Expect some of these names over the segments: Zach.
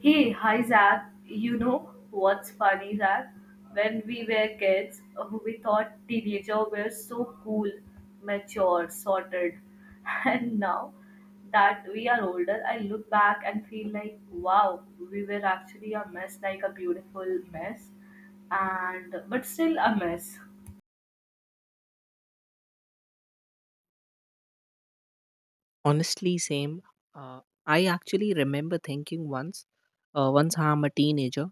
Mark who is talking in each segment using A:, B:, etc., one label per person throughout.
A: Hey, hi Zach. You know what's funny, Zach? When we were kids, we thought teenager were so cool, mature, sorted. And now that we are older, I look back and feel like, wow, we were actually a mess, like a beautiful mess, and but still a mess.
B: Honestly, same. Uh, I actually remember thinking once I'm a teenager,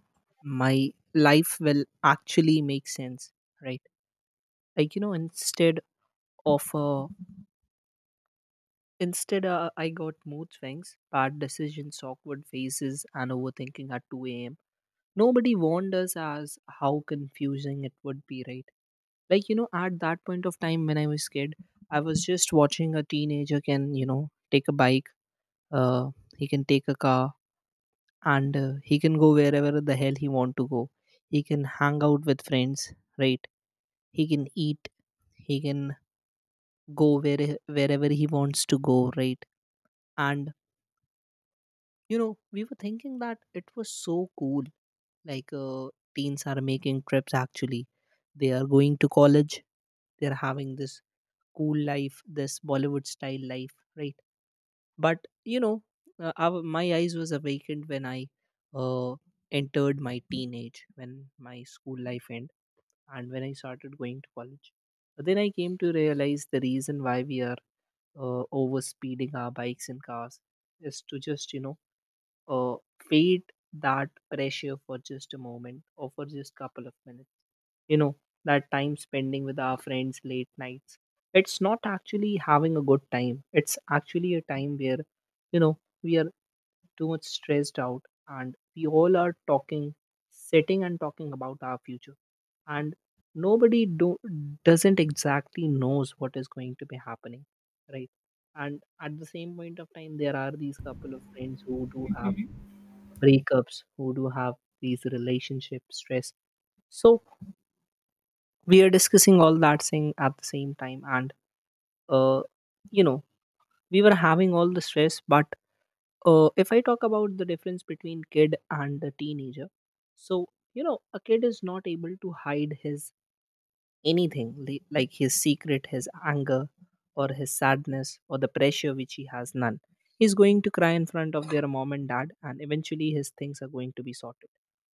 B: my life will actually make sense, right? Like instead of instead I got mood swings, bad decisions, awkward phases, and overthinking at two a.m. Nobody warned us as how confusing it would be, right? Like at that point of time when I was kid, I was just watching a teenager can take a bike, uh, he can take a car and he can go wherever the hell he want to go. He can hang out with friends, right? He can eat, he can go wherever he wants to go, right? And we were thinking that it was so cool. Like teens are making trips actually. They are going to college, they are having this cool life, this Bollywood style life, right? But my eyes was awakened when I uh, entered my teenage when my school life end, and when I started going to college. But then I came to realize the reason why we are over speeding our bikes and cars is to just uh, fade that pressure for just a moment or for just couple of minutes. you know that time spending with our friends late nights, it's not actually having a good time. It's actually a time where you know we are too much stressed out, and we all are talking, sitting and talking about our future, and nobody doesn't exactly knows what is going to be happening, right? And at the same point of time there are these couple of friends who do have breakups, who do have these relationship stress. So we are discussing all that thing at the same time, and uh you know we were having all the stress. But if I talk about the difference between kid and the teenager, so a kid is not able to hide his anything, like his secret, his anger, or his sadness, or the pressure which he has none. He's going to cry in front of their mom and dad, and eventually his things are going to be sorted.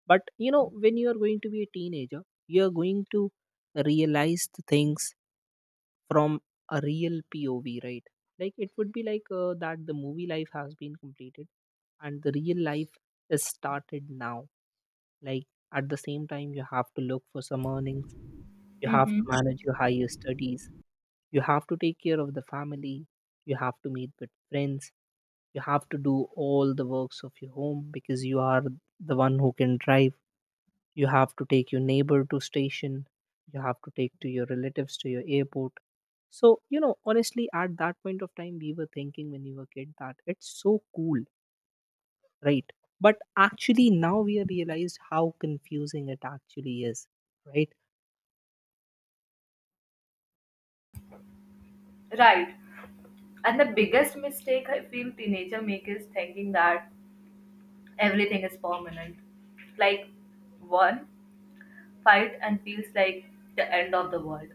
B: But when you are going to be a teenager, you are going to realize the things from a real POV, right? Like it would be like that the movie life has been completed and the real life is started now. Like, at the same time you have to look for some earnings, you have to
A: Mm-hmm.
B: manage your higher studies, you have to take care of the family, you have to meet with friends, you have to do all the works of your home because you are the one who can drive. You have to take your neighbor to station, you have to take to your relatives to your airport. So honestly, at that point of time we were thinking when we were kid that it's so cool, right? But actually now we have realized how confusing it actually is, right?
A: Right. And the biggest mistake I feel teenager make is thinking that everything is permanent. Like one fight and feels like the end of the world.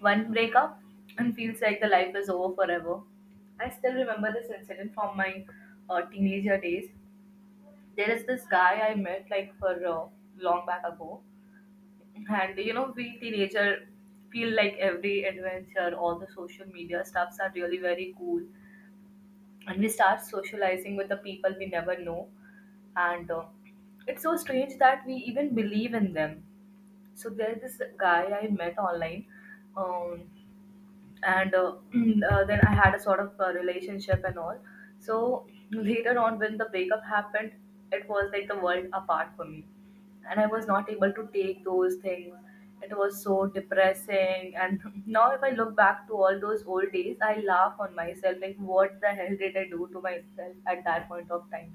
A: One breakup and feels like the life is over forever. I still remember this incident from my teenager days. There is this guy I met like for long back ago, and you know we teenager feel like every adventure, all the social media stuffs are really very cool, and we start socializing with the people we never know, and it's so strange that we even believe in them. So there's this guy I met online, um, and then I had a sort of relationship and all. So later on, when the breakup happened, it was like the world apart for me, and I was not able to take those things. It was so depressing, and now if I look back to all those old days, I laugh on myself like, what the hell did I do to myself at that point of time?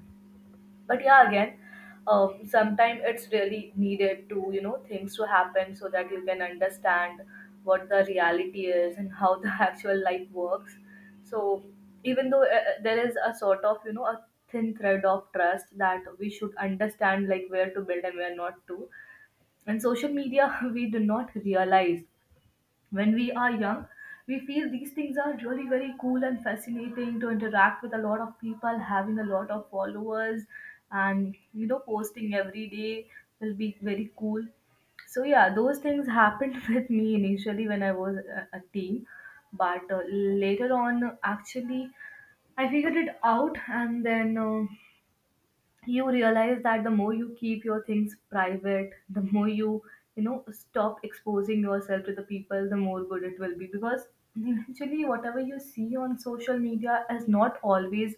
A: But yeah again, sometimes it's really needed to things to happen so that you can understand what the reality is and how the actual life works. So even though there is a sort of a thin thread of trust that we should understand like where to build and where not to. And social media, we do not realize when we are young, we feel these things are really very cool and fascinating to interact with a lot of people having a lot of followers, and posting every day will be very cool. So yeah, those things happened with me initially when I was a teen. But later on actually I figured it out, and then you realize that the more you keep your things private, the more you know stop exposing yourself to the people, the more good it will be, because eventually whatever you see on social media is not always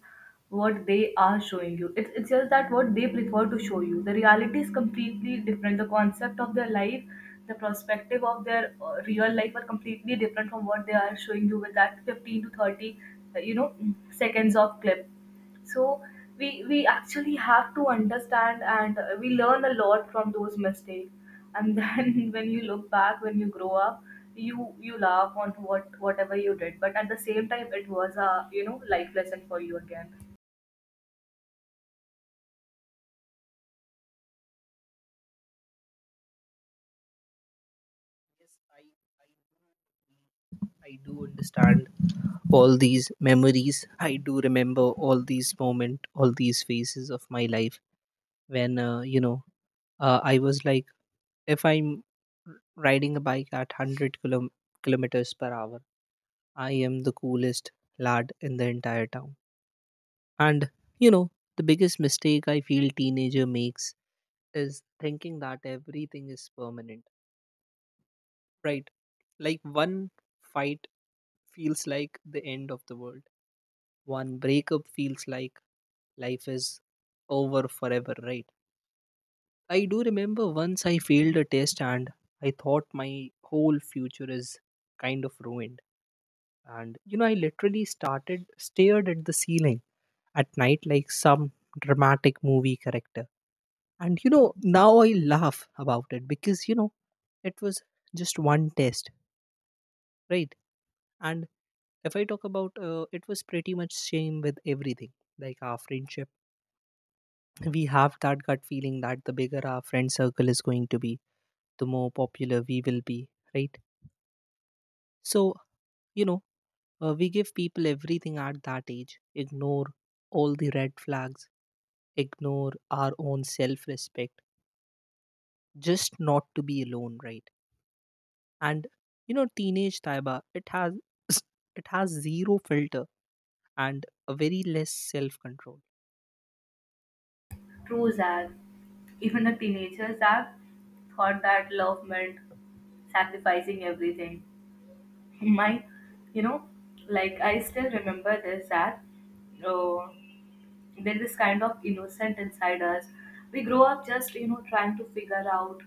A: what they are showing you. It's just that what they prefer to show you, the reality is completely different. The concept of their life, the perspective of their real life are completely different from what they are showing you with that 15 to 30 uh, you know seconds of clip. So we actually have to understand, and we learn a lot from those mistakes. And then when you look back, when you grow up, you laugh on whatever you did. But at the same time, it was a life lesson for you again.
B: Yes, I do. I do understand all these memories. I do remember all these moment, all these phases of my life, when I was like, if I'm r- riding a bike at 100 kilometers per hour, I am the coolest lad in the entire town. And you know the biggest mistake I feel teenager makes is thinking that everything is permanent, right? Like one fight feels like the end of the world, one breakup feels like life is over forever, right? I do remember once I failed a test and I thought my whole future is kind of ruined. And I literally started stared at the ceiling at night like some dramatic movie character. And now I laugh about it because it was just one test, right? And if I talk about it was pretty much same with everything. Like our friendship, we have that gut feeling that the bigger our friend circle is going to be, the more popular we will be, right? So you know we give people everything at that age, ignore all the red flags, ignore our own self respect, just not to be alone, right? And teenage, Taiba, it has it has zero filter and a very less self control.
A: True, Zach. Even a teenager, Zach, thought that love meant sacrificing everything. My, you know, like I still remember this that. Oh, there is kind of innocent inside us. We grow up just, trying to figure out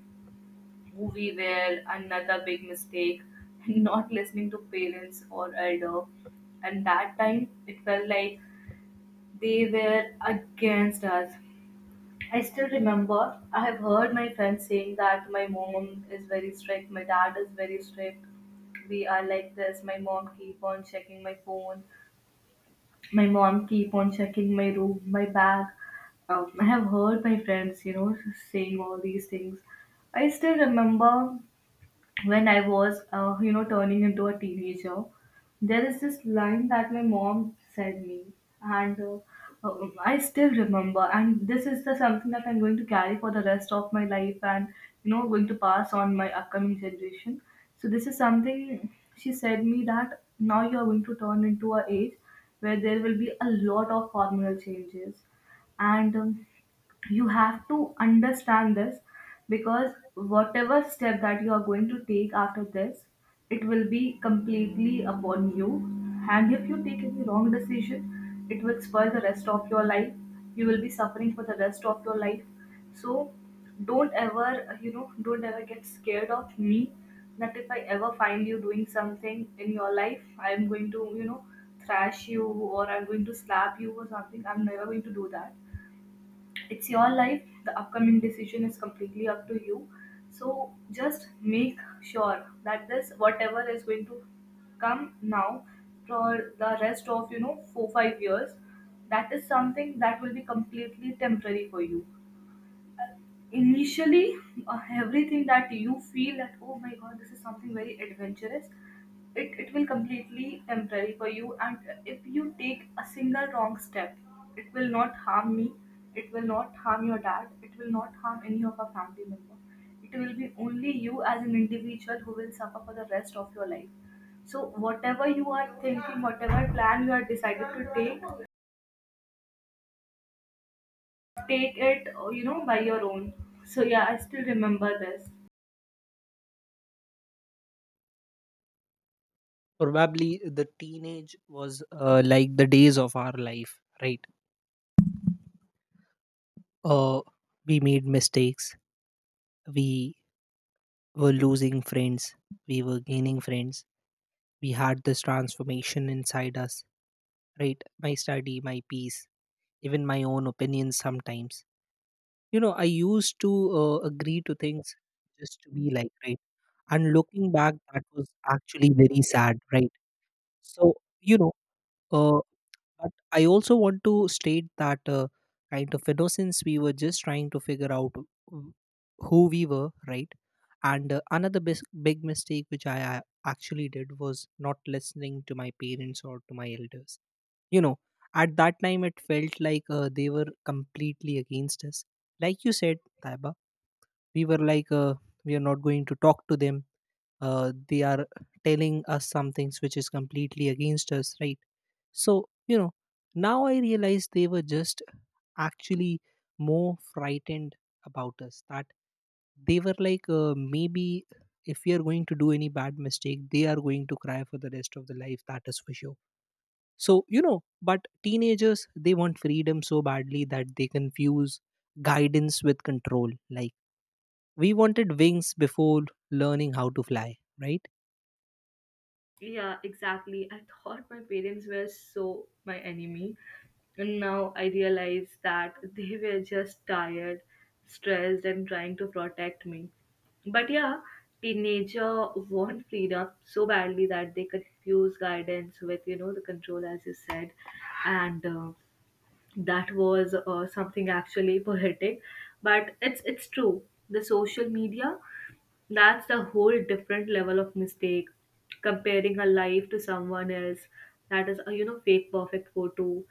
A: who we were, another big mistake, not listening to parents or elder. And that time, it felt like they were against us. I still remember I have heard my friends saying that my mom is very strict, my dad is very strict. We are like this. My mom keep on checking my phone, my mom keep on checking my room, my bag. I have heard my friends, saying all these things. I still remember when I was, turning into a teenager, there is this line that my mom said me, and I still remember. And this is the something that I'm going to carry for the rest of my life, and going to pass on my upcoming generation. So this is something she said me, that now you are going to turn into a age where there will be a lot of hormonal changes, and you have to understand this, because whatever step that you are going to take after this, it will be completely upon you. And if you take any wrong decision, it will spoil the rest of your life, you will be suffering for the rest of your life. So don't ever get scared of me, that if I ever find you doing something in your life, I am going to thrash you, or I'm going to slap you or something. I'm never going to do that. It's your life, the upcoming decision is completely up to you. So just make sure that this whatever is going to come now, for the rest of 4-5 years, that is something that will be completely temporary for you. Initially, everything that you feel that, oh my god, this is something very adventurous, it will completely temporary for you. And if you take a single wrong step, it will not harm me, it will not harm your dad, it will not harm any of our family member. It will be only you as an individual who will suffer for the rest of your life. So whatever you are thinking, whatever plan you are decided to take, take it, by your own. So yeah, I still remember this.
B: Probably the teenage was like the days of our life, right? uh, we made mistakes, we were losing friends, we were gaining friends, we had this transformation inside us, right? My study, my peace, even my own opinions sometimes, I used to agree to things just to be like, right? And looking back that was actually very sad, right? So you know Uh, but I also want to state that kind of since we were just trying to figure out w- who we were, right? And another big mistake which I actually did was not listening to my parents or to my elders. You know, at that time it felt like they were completely against us. Like you said, Taiba, we were like, we are not going to talk to them, they are telling us some things which is completely against us, right? So now I realize they were just actually more frightened about us, that they were like maybe if we are going to do any bad mistake they are going to cry for the rest of the life, that is for sure. So but teenagers they want freedom so badly that they confuse guidance with control, like we wanted wings before learning how to fly, right?
A: Yeah, exactly. I thought my parents were so my enemy. And now I realize that they were just tired, stressed, and trying to protect me. But yeah, teenager want freedom so badly that they confuse guidance with, the control, as you said. And that was something actually poetic. But it's true. The social media, that's the whole different level of mistake. Comparing her life to someone else, that is a fake perfect photo.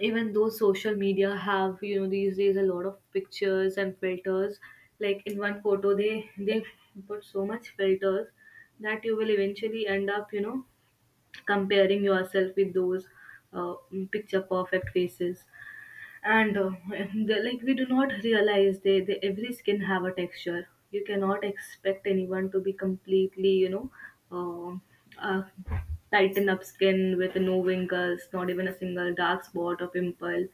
A: Even though social media have these days a lot of pictures and filters, like in one photo they put so much filters that you will eventually end up comparing yourself with those uh, picture perfect faces. And the, like we do not realize they every skin have a texture. You cannot expect anyone to be completely uh, uh, tighten up skin with no wrinkles, not even a single dark spot or pimple.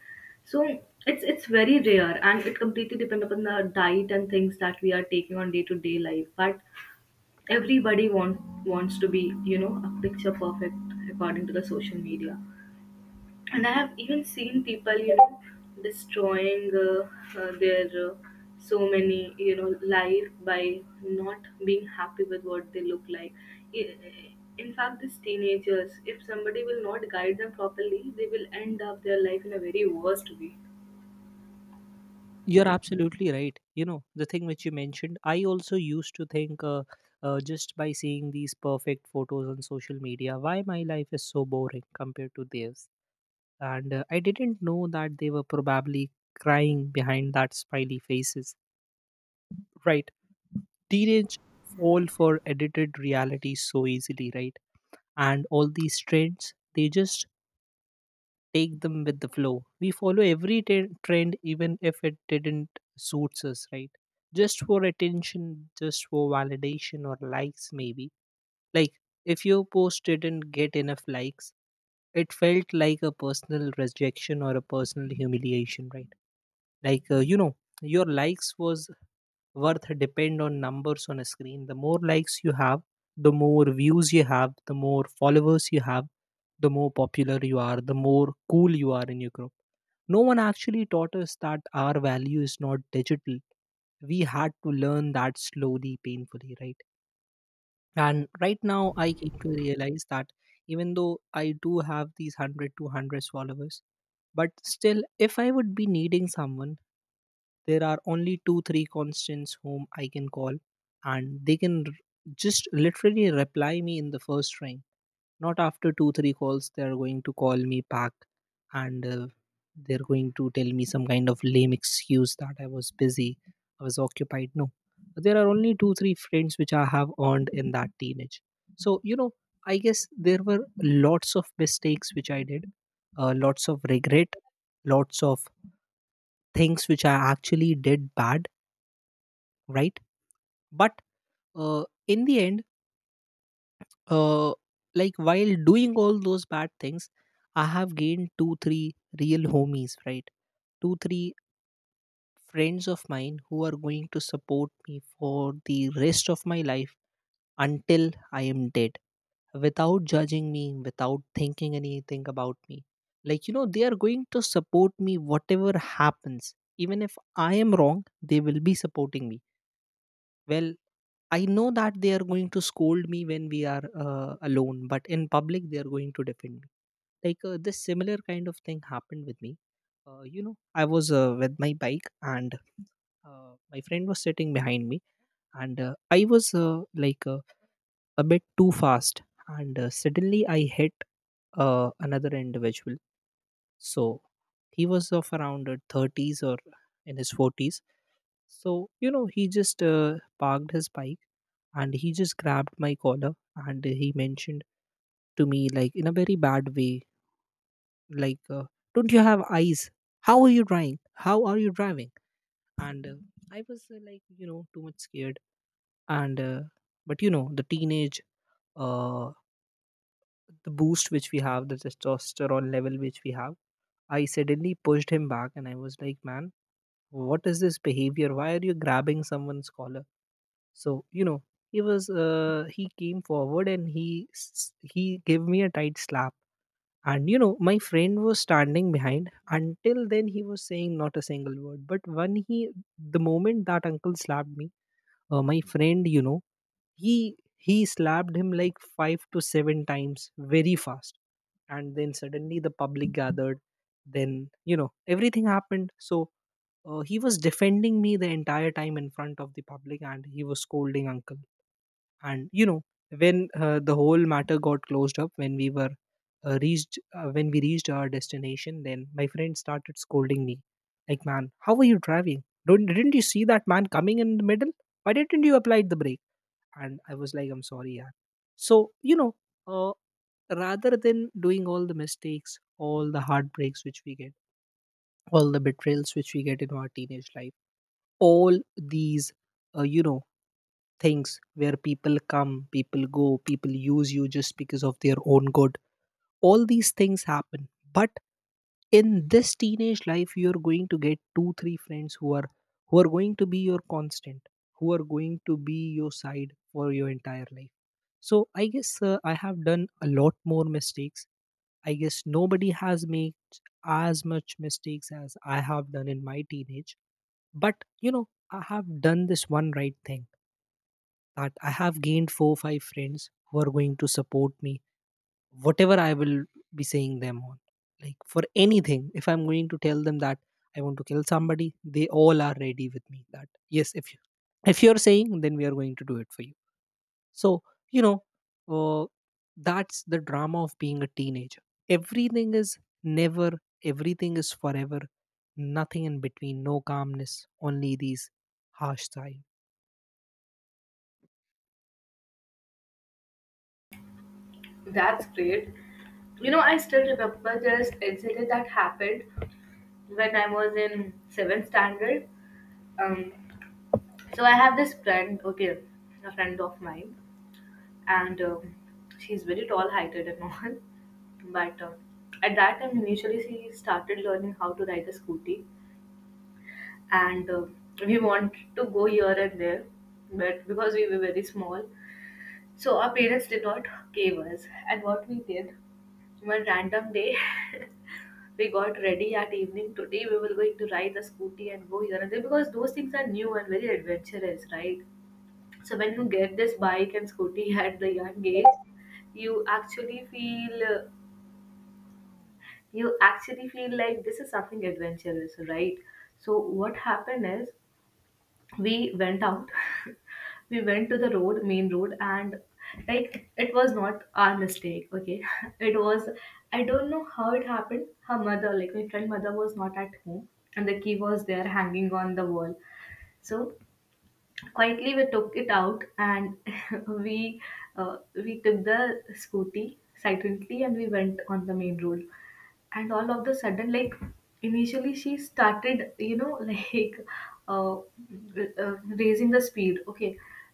A: So it's very rare, and it completely depends upon the diet and things that we are taking on day to day life. But everybody wants to be a picture perfect according to the social media. And I have even seen people, destroying their so many, life by not being happy with what they look like. I- In fact, these teenagers, if somebody will not guide them properly, they will end up their life in a very worst way.
B: You're absolutely right. The thing which you mentioned, I also used to think just by seeing these perfect photos on social media, why my life is so boring compared to theirs. And I didn't know that they were probably crying behind that smiley faces. Right. Teenage fall for edited reality so easily, right? And all these trends, they just take them with the flow. We follow every trend, even if it didn't suits us, right? Just for attention, just for validation or likes, maybe. Like if your post didn't get enough likes, it felt like a personal rejection or a personal humiliation, right? Like your likes was worth depend on numbers on a screen. The more likes you have, the more views you have, the more followers you have, the more popular you are, the more cool you are in your group. No one actually taught us that our value is not digital. We had to learn that slowly, painfully, right? And right now, I came to realize that even though I do have these 100 to 100 followers, but still, if I would be needing someone, there are only two, three constants whom I can call, and they can just literally reply me in the first ring. Not after two, three calls, they are going to call me back, and they're going to tell me some kind of lame excuse that I was busy, I was occupied. No, there are only two three friends which I have earned in that teenage. So I guess there were lots of mistakes which I did, lots of regret, lots of things which I actually did bad, right? But in the end, uh, like while doing all those bad things, I have gained two three real homies, right? Two three friends of mine who are going to support me for the rest of my life until I am dead, without judging me, without thinking anything about me. Like, they are going to support me whatever happens. Even if I am wrong, they will be supporting me. Well, I know that they are going to scold me when we are alone, but in public, they are going to defend me. Like, this similar kind of thing happened with me. I was with my bike and my friend was sitting behind me, and I was like, a bit too fast, and suddenly I hit another individual. So he was of around 30s or in his 40s. So he just parked his bike, and he just grabbed my collar and he mentioned to me like in a very bad way, like don't you have eyes, how are you driving, how are you driving? And I was like too much scared. And but the teenage, uh, the boost which we have, the testosterone level which we have, I suddenly pushed him back and I was like, man, what is this behavior? Why are you grabbing someone's collar? So, you know, he came forward and he gave me a tight slap. And, you know, my friend was standing behind. Until then, he was saying not a single word. But the moment that uncle slapped me, my friend, you know, he slapped him like five to seven times very fast. And then suddenly the public gathered, then everything happened. So he was defending me the entire time in front of the public, and he was scolding uncle. And you know when the whole matter got closed up when we were reached when we reached our destination, then my friend started scolding me like, man, how are you driving? Don't Didn't you see that man coming in the middle? Why didn't you apply the brake? And I was like, I'm sorry. Yeah. So uh, rather than doing all the mistakes, all the heartbreaks which we get, all the betrayals which we get in our teenage life, all these uh, you know things where people come, people go, people use you just because of their own good, all these things happen. But in this teenage life, you're going to get two three friends who are going to be your constant, who are going to be your side for your entire life. So I guess I have done a lot more mistakes. I guess nobody has made as much mistakes as I have done in my teenage. But you know, I have done this one right thing, that I have gained four or five friends who are going to support me, whatever I will be saying them on. Like for anything, if I'm going to tell them that I want to kill somebody, they all are ready with me. That yes, if you're saying, then we are going to do it for you. So, you know, uh, that's the drama of being a teenager. Everything is never, everything is forever, nothing in between, no calmness, only these harsh times.
A: That's great. You know, I still remember this incident that happened when I was in seventh standard. Um, so I have this friend, okay, a friend of mine. And she's very tall heighted and all. But at that time, initially she started learning how to ride a scooty, and we wanted to go here and there, but because we were very small, so our parents did not give us. And what we did, one random day, we got ready at evening, today we were going to ride the scooty and go here and there, because those things are new and very adventurous, right? So when you get this bike and scooty, at the young age, you actually feel you actually feel like this is something adventurous, right? So what happened is, we went out, we went to the road, main road, and like it was not our mistake. Okay, it was, I don't know how it happened. Her mother, like my friend mother, was not at home, and the key was there hanging on the wall. So quietly we took it out, and we we took the scooty silently, and we went on the main road. And all of the sudden, like initially she started like uh, uh, raising the speed, okay?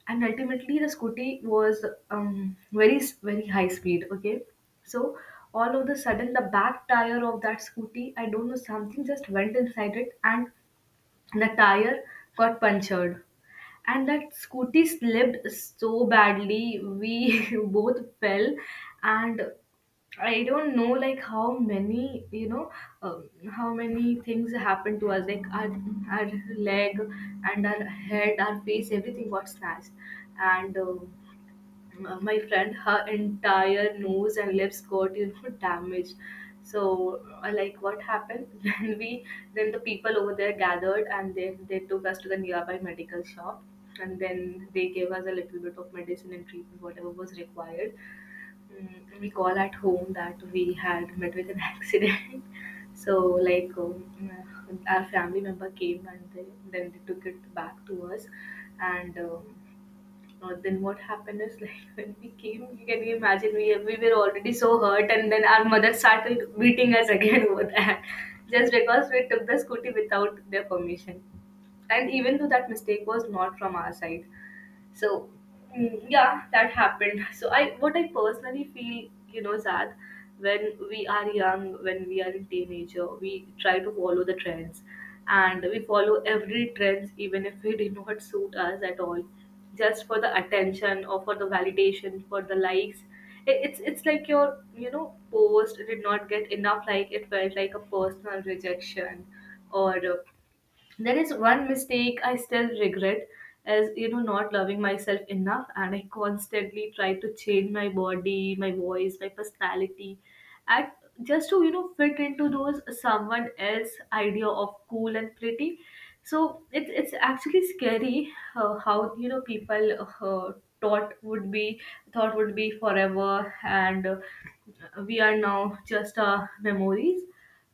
A: And ultimately the scooty was, very very high speed, okay? So all of the sudden, the back tire of that scooty, I don't know, something just went inside it, and the tire got punctured. And that scooty slipped so badly, we both fell. And I don't know like how many things happened to us, like our leg, and our head, our face, everything got snatched. And my friend, her entire nose and lips got damaged. So like what happened, then the people over there gathered, and they took us to the nearby medical shop. And then they gave us a little bit of medicine and treatment, whatever was required. Mm, we call at home that we had met with an accident. So like our family member came, and then they took it back to us. And then what happened is, like when we came, you can imagine, we were already so hurt, and then our mother started beating us again over that, just because we took the scooty without their permission. And even though that mistake was not from our side. So yeah, that happened. so I what I personally feel, you know, sad, when we are young, when we are in teenager, we try to follow the trends. And we follow every trends, even if it did not suit us at all, just for the attention, or for the validation, for the likes. It's like your you know post did not get enough like, it felt like a personal rejection. Or there is one mistake I still regret, as not loving myself enough, and I constantly try to change my body, my voice, my personality at, just to fit into those someone else idea of cool and pretty. So it's actually scary, how people, thought would be thought would be forever, and we are now just memories.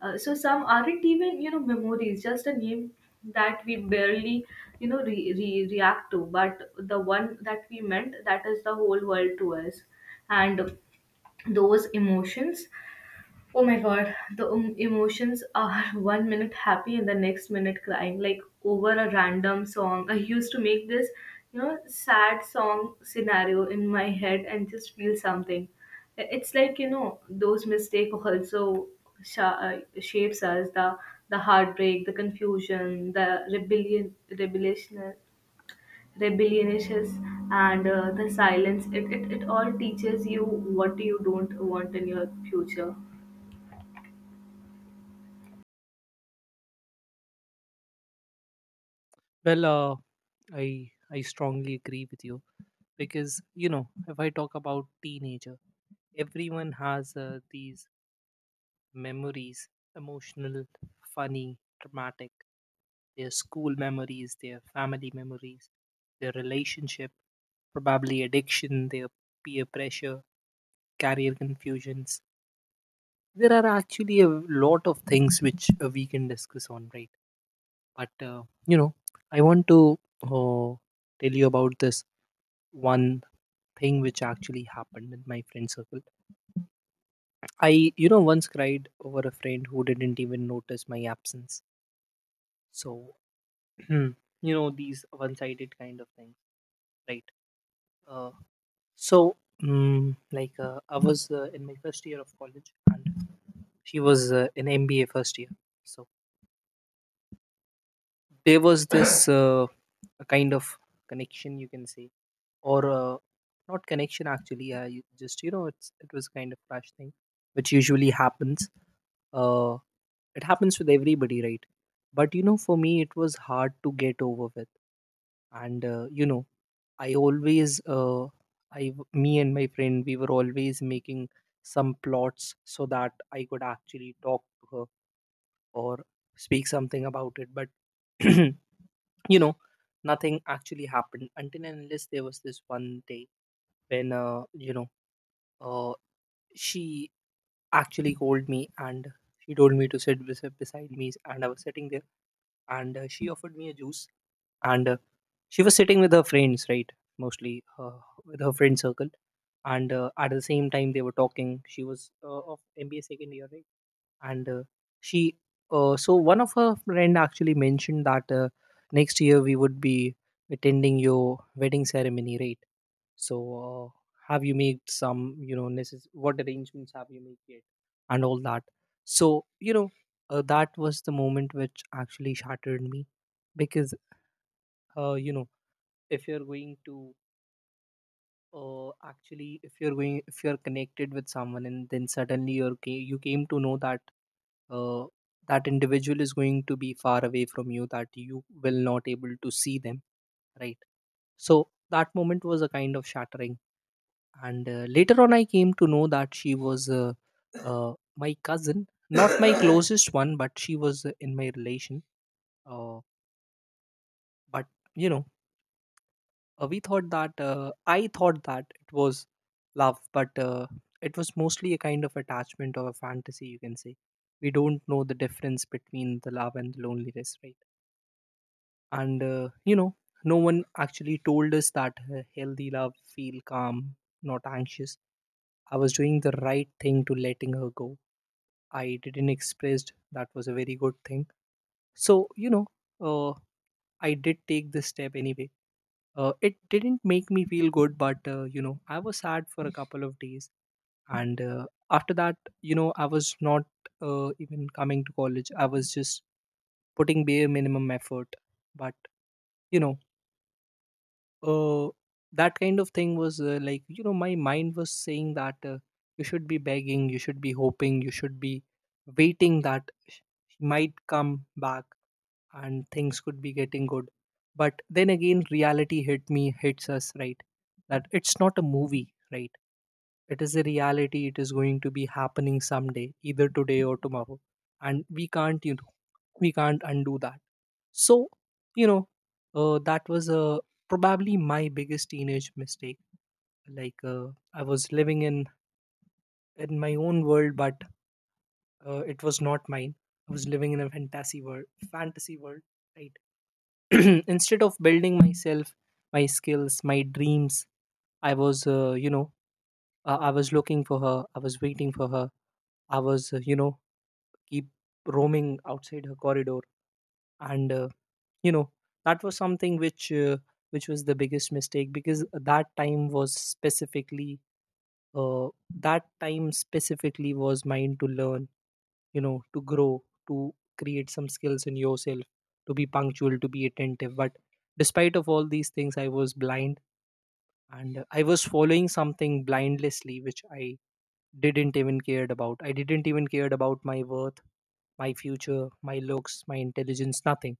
A: So some aren't even memories, just a name that we barely react to, but the one that we meant, that is the whole world to us. And those emotions, oh my god, the emotions are, one minute happy and the next minute crying, like over a random song. I used to make this, sad song scenario in my head and just feel something. It's like those mistakes also shapes us, the heartbreak, the confusion, the rebellion, rebellion, rebelliousness, and the silence. It all teaches you what you don't want in your future.
B: Well, I strongly agree with you, because you know, if I talk about teenager, everyone has these memories: emotional, funny, dramatic, their school memories, their family memories, their relationship, probably addiction, their peer pressure, career confusions. There are actually a lot of things which we can discuss on, right? But, you know, I want to tell you about this one thing which actually happened in my friend circle. I, you know, once cried over a friend who didn't even notice my absence. So, you know, these one sided kind of things, right? Uh, so, like, I was in my first year of college, and she was in MBA first year. So, there was this a kind of connection, you can say, or not connection actually, you just, you know, it's, it was kind of crash thing, which usually happens. uh, it happens with everybody, right? But you know, for me, it was hard to get over with. And you know I always I w- me and my friend, we were always making some plots so that I could actually talk to her or speak something about it. But you know, nothing actually happened until and unless there was this one day when uh, she actually called me, and she told me to beside me, and I was sitting there. And she offered me a juice. And she was sitting with her friends, right? Mostly with her friend circle. And at the same time they were talking, she was of MBA second year, right? And she so one of her friend actually mentioned that, next year we would be attending your wedding ceremony, right? So uh, have you made some, you know, what arrangements have you made yet and all that? So you know, that was the moment which actually shattered me. Because you know, if you're going to actually, if you're connected with someone, and then suddenly you came to know that uh, that individual is going to be far away from you, that you will not able to see them, right? So that moment was a kind of shattering. And later on, I came to know that she was my cousin, not my closest one, but she was in my relation. Uh, but you know, we thought that I thought that it was love, but it was mostly a kind of attachment or a fantasy, you can say. We don't know the difference between the love and the loneliness, right? And you know, no one actually told us that healthy love feel calm, not anxious. I was doing the right thing to letting her go. I didn't express, that was a very good thing. So you know, uh, I did take this step anyway. It didn't make me feel good, but you know, I was sad for a couple of days. And after that, you know, I was not even coming to college. I was just putting bare minimum effort. But you know, uh, that kind of thing was like, you know, my mind was saying that, you should be begging, you should be hoping, you should be waiting that sh- she might come back, and things could be getting good. But then again, reality hit me, hits us, right? That it's not a movie, right? It is a reality. It is going to be happening someday, either today or tomorrow, and we can't, you know, we can't undo that. So you know, that was a probably my biggest teenage mistake. Like I was living in my own world, but it was not mine. I was living in a fantasy world, fantasy world, right? Instead of building myself, my skills, my dreams, I was I was looking for her, I was waiting for her, I was keep roaming outside her corridor. And you know, that was something which was the biggest mistake, because that time was specifically uh, that time specifically was mine to learn, you know, to grow, to create some skills in yourself, to be punctual, to be attentive. But despite of all these things, I was blind. And I was following something blindlessly, which I didn't even cared about I didn't even cared about my worth, my future, my looks, my intelligence, nothing.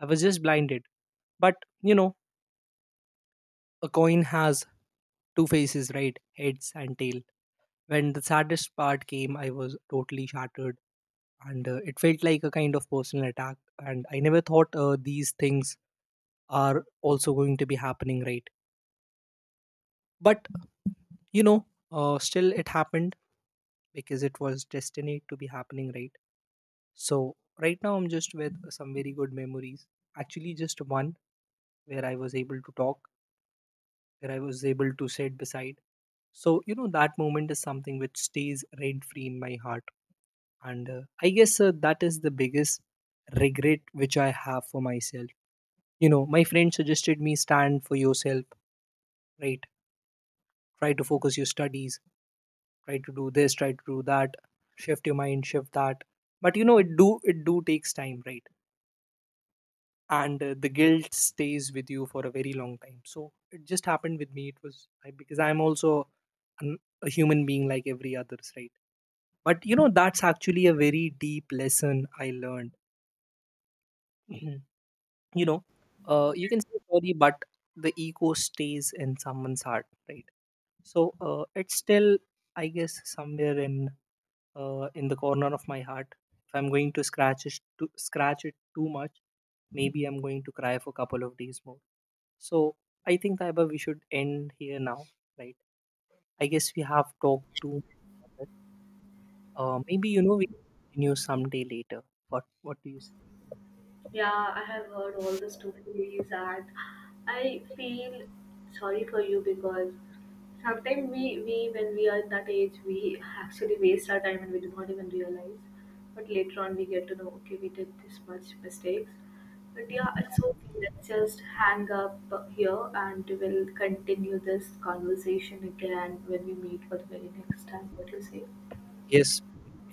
B: I was just blinded. But you know, a coin has two faces, right? Heads and tail. When the saddest part came, I was totally shattered. And it felt like a kind of personal attack. And I never thought these things are also going to be happening, right? But you know, still it happened, because it was destined to be happening, right? So right now, I'm just with some very good memories. Actually, just one, where I was able to talk, where I was able to sit beside. So, you know, that moment is something which stays rent free in my heart. And I guess that is the biggest regret which I have for myself. You know, my friend suggested me, stand for yourself, right? Try to focus your studies, try to do this, try to do that, shift your mind, shift that. But you know, it do takes time, right? And the guilt stays with you for a very long time. So it just happened with me. It was because I'm also a human being like every others, right? But you know, that's actually a very deep lesson I learned. You know, you can say sorry, but the ego stays in someone's heart, right? So it's still, I guess somewhere in the corner of my heart, if I'm going to scratch it too much, maybe I'm going to cry for a couple of days more. So I think, Taiba, we should end here now, right? I guess we have talked too much about it. Maybe you know, we continue someday later. What do you say?
A: Yeah, I have heard all the stories, and I feel sorry for you, because sometimes we when we are in that age, we actually waste our time and we do not even realize. But later on, we get to know, okay, we did this much mistakes. But yeah, it's okay. Let's just hang up here, and we'll continue this conversation again when we meet for the very next time. What do you say?
B: Yes,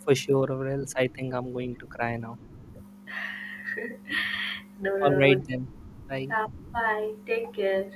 B: for sure, or else I think I'm going to cry now.
A: No, no,
B: All
A: no,
B: right
A: no.
B: then. Bye.
A: Yeah, bye. Take care.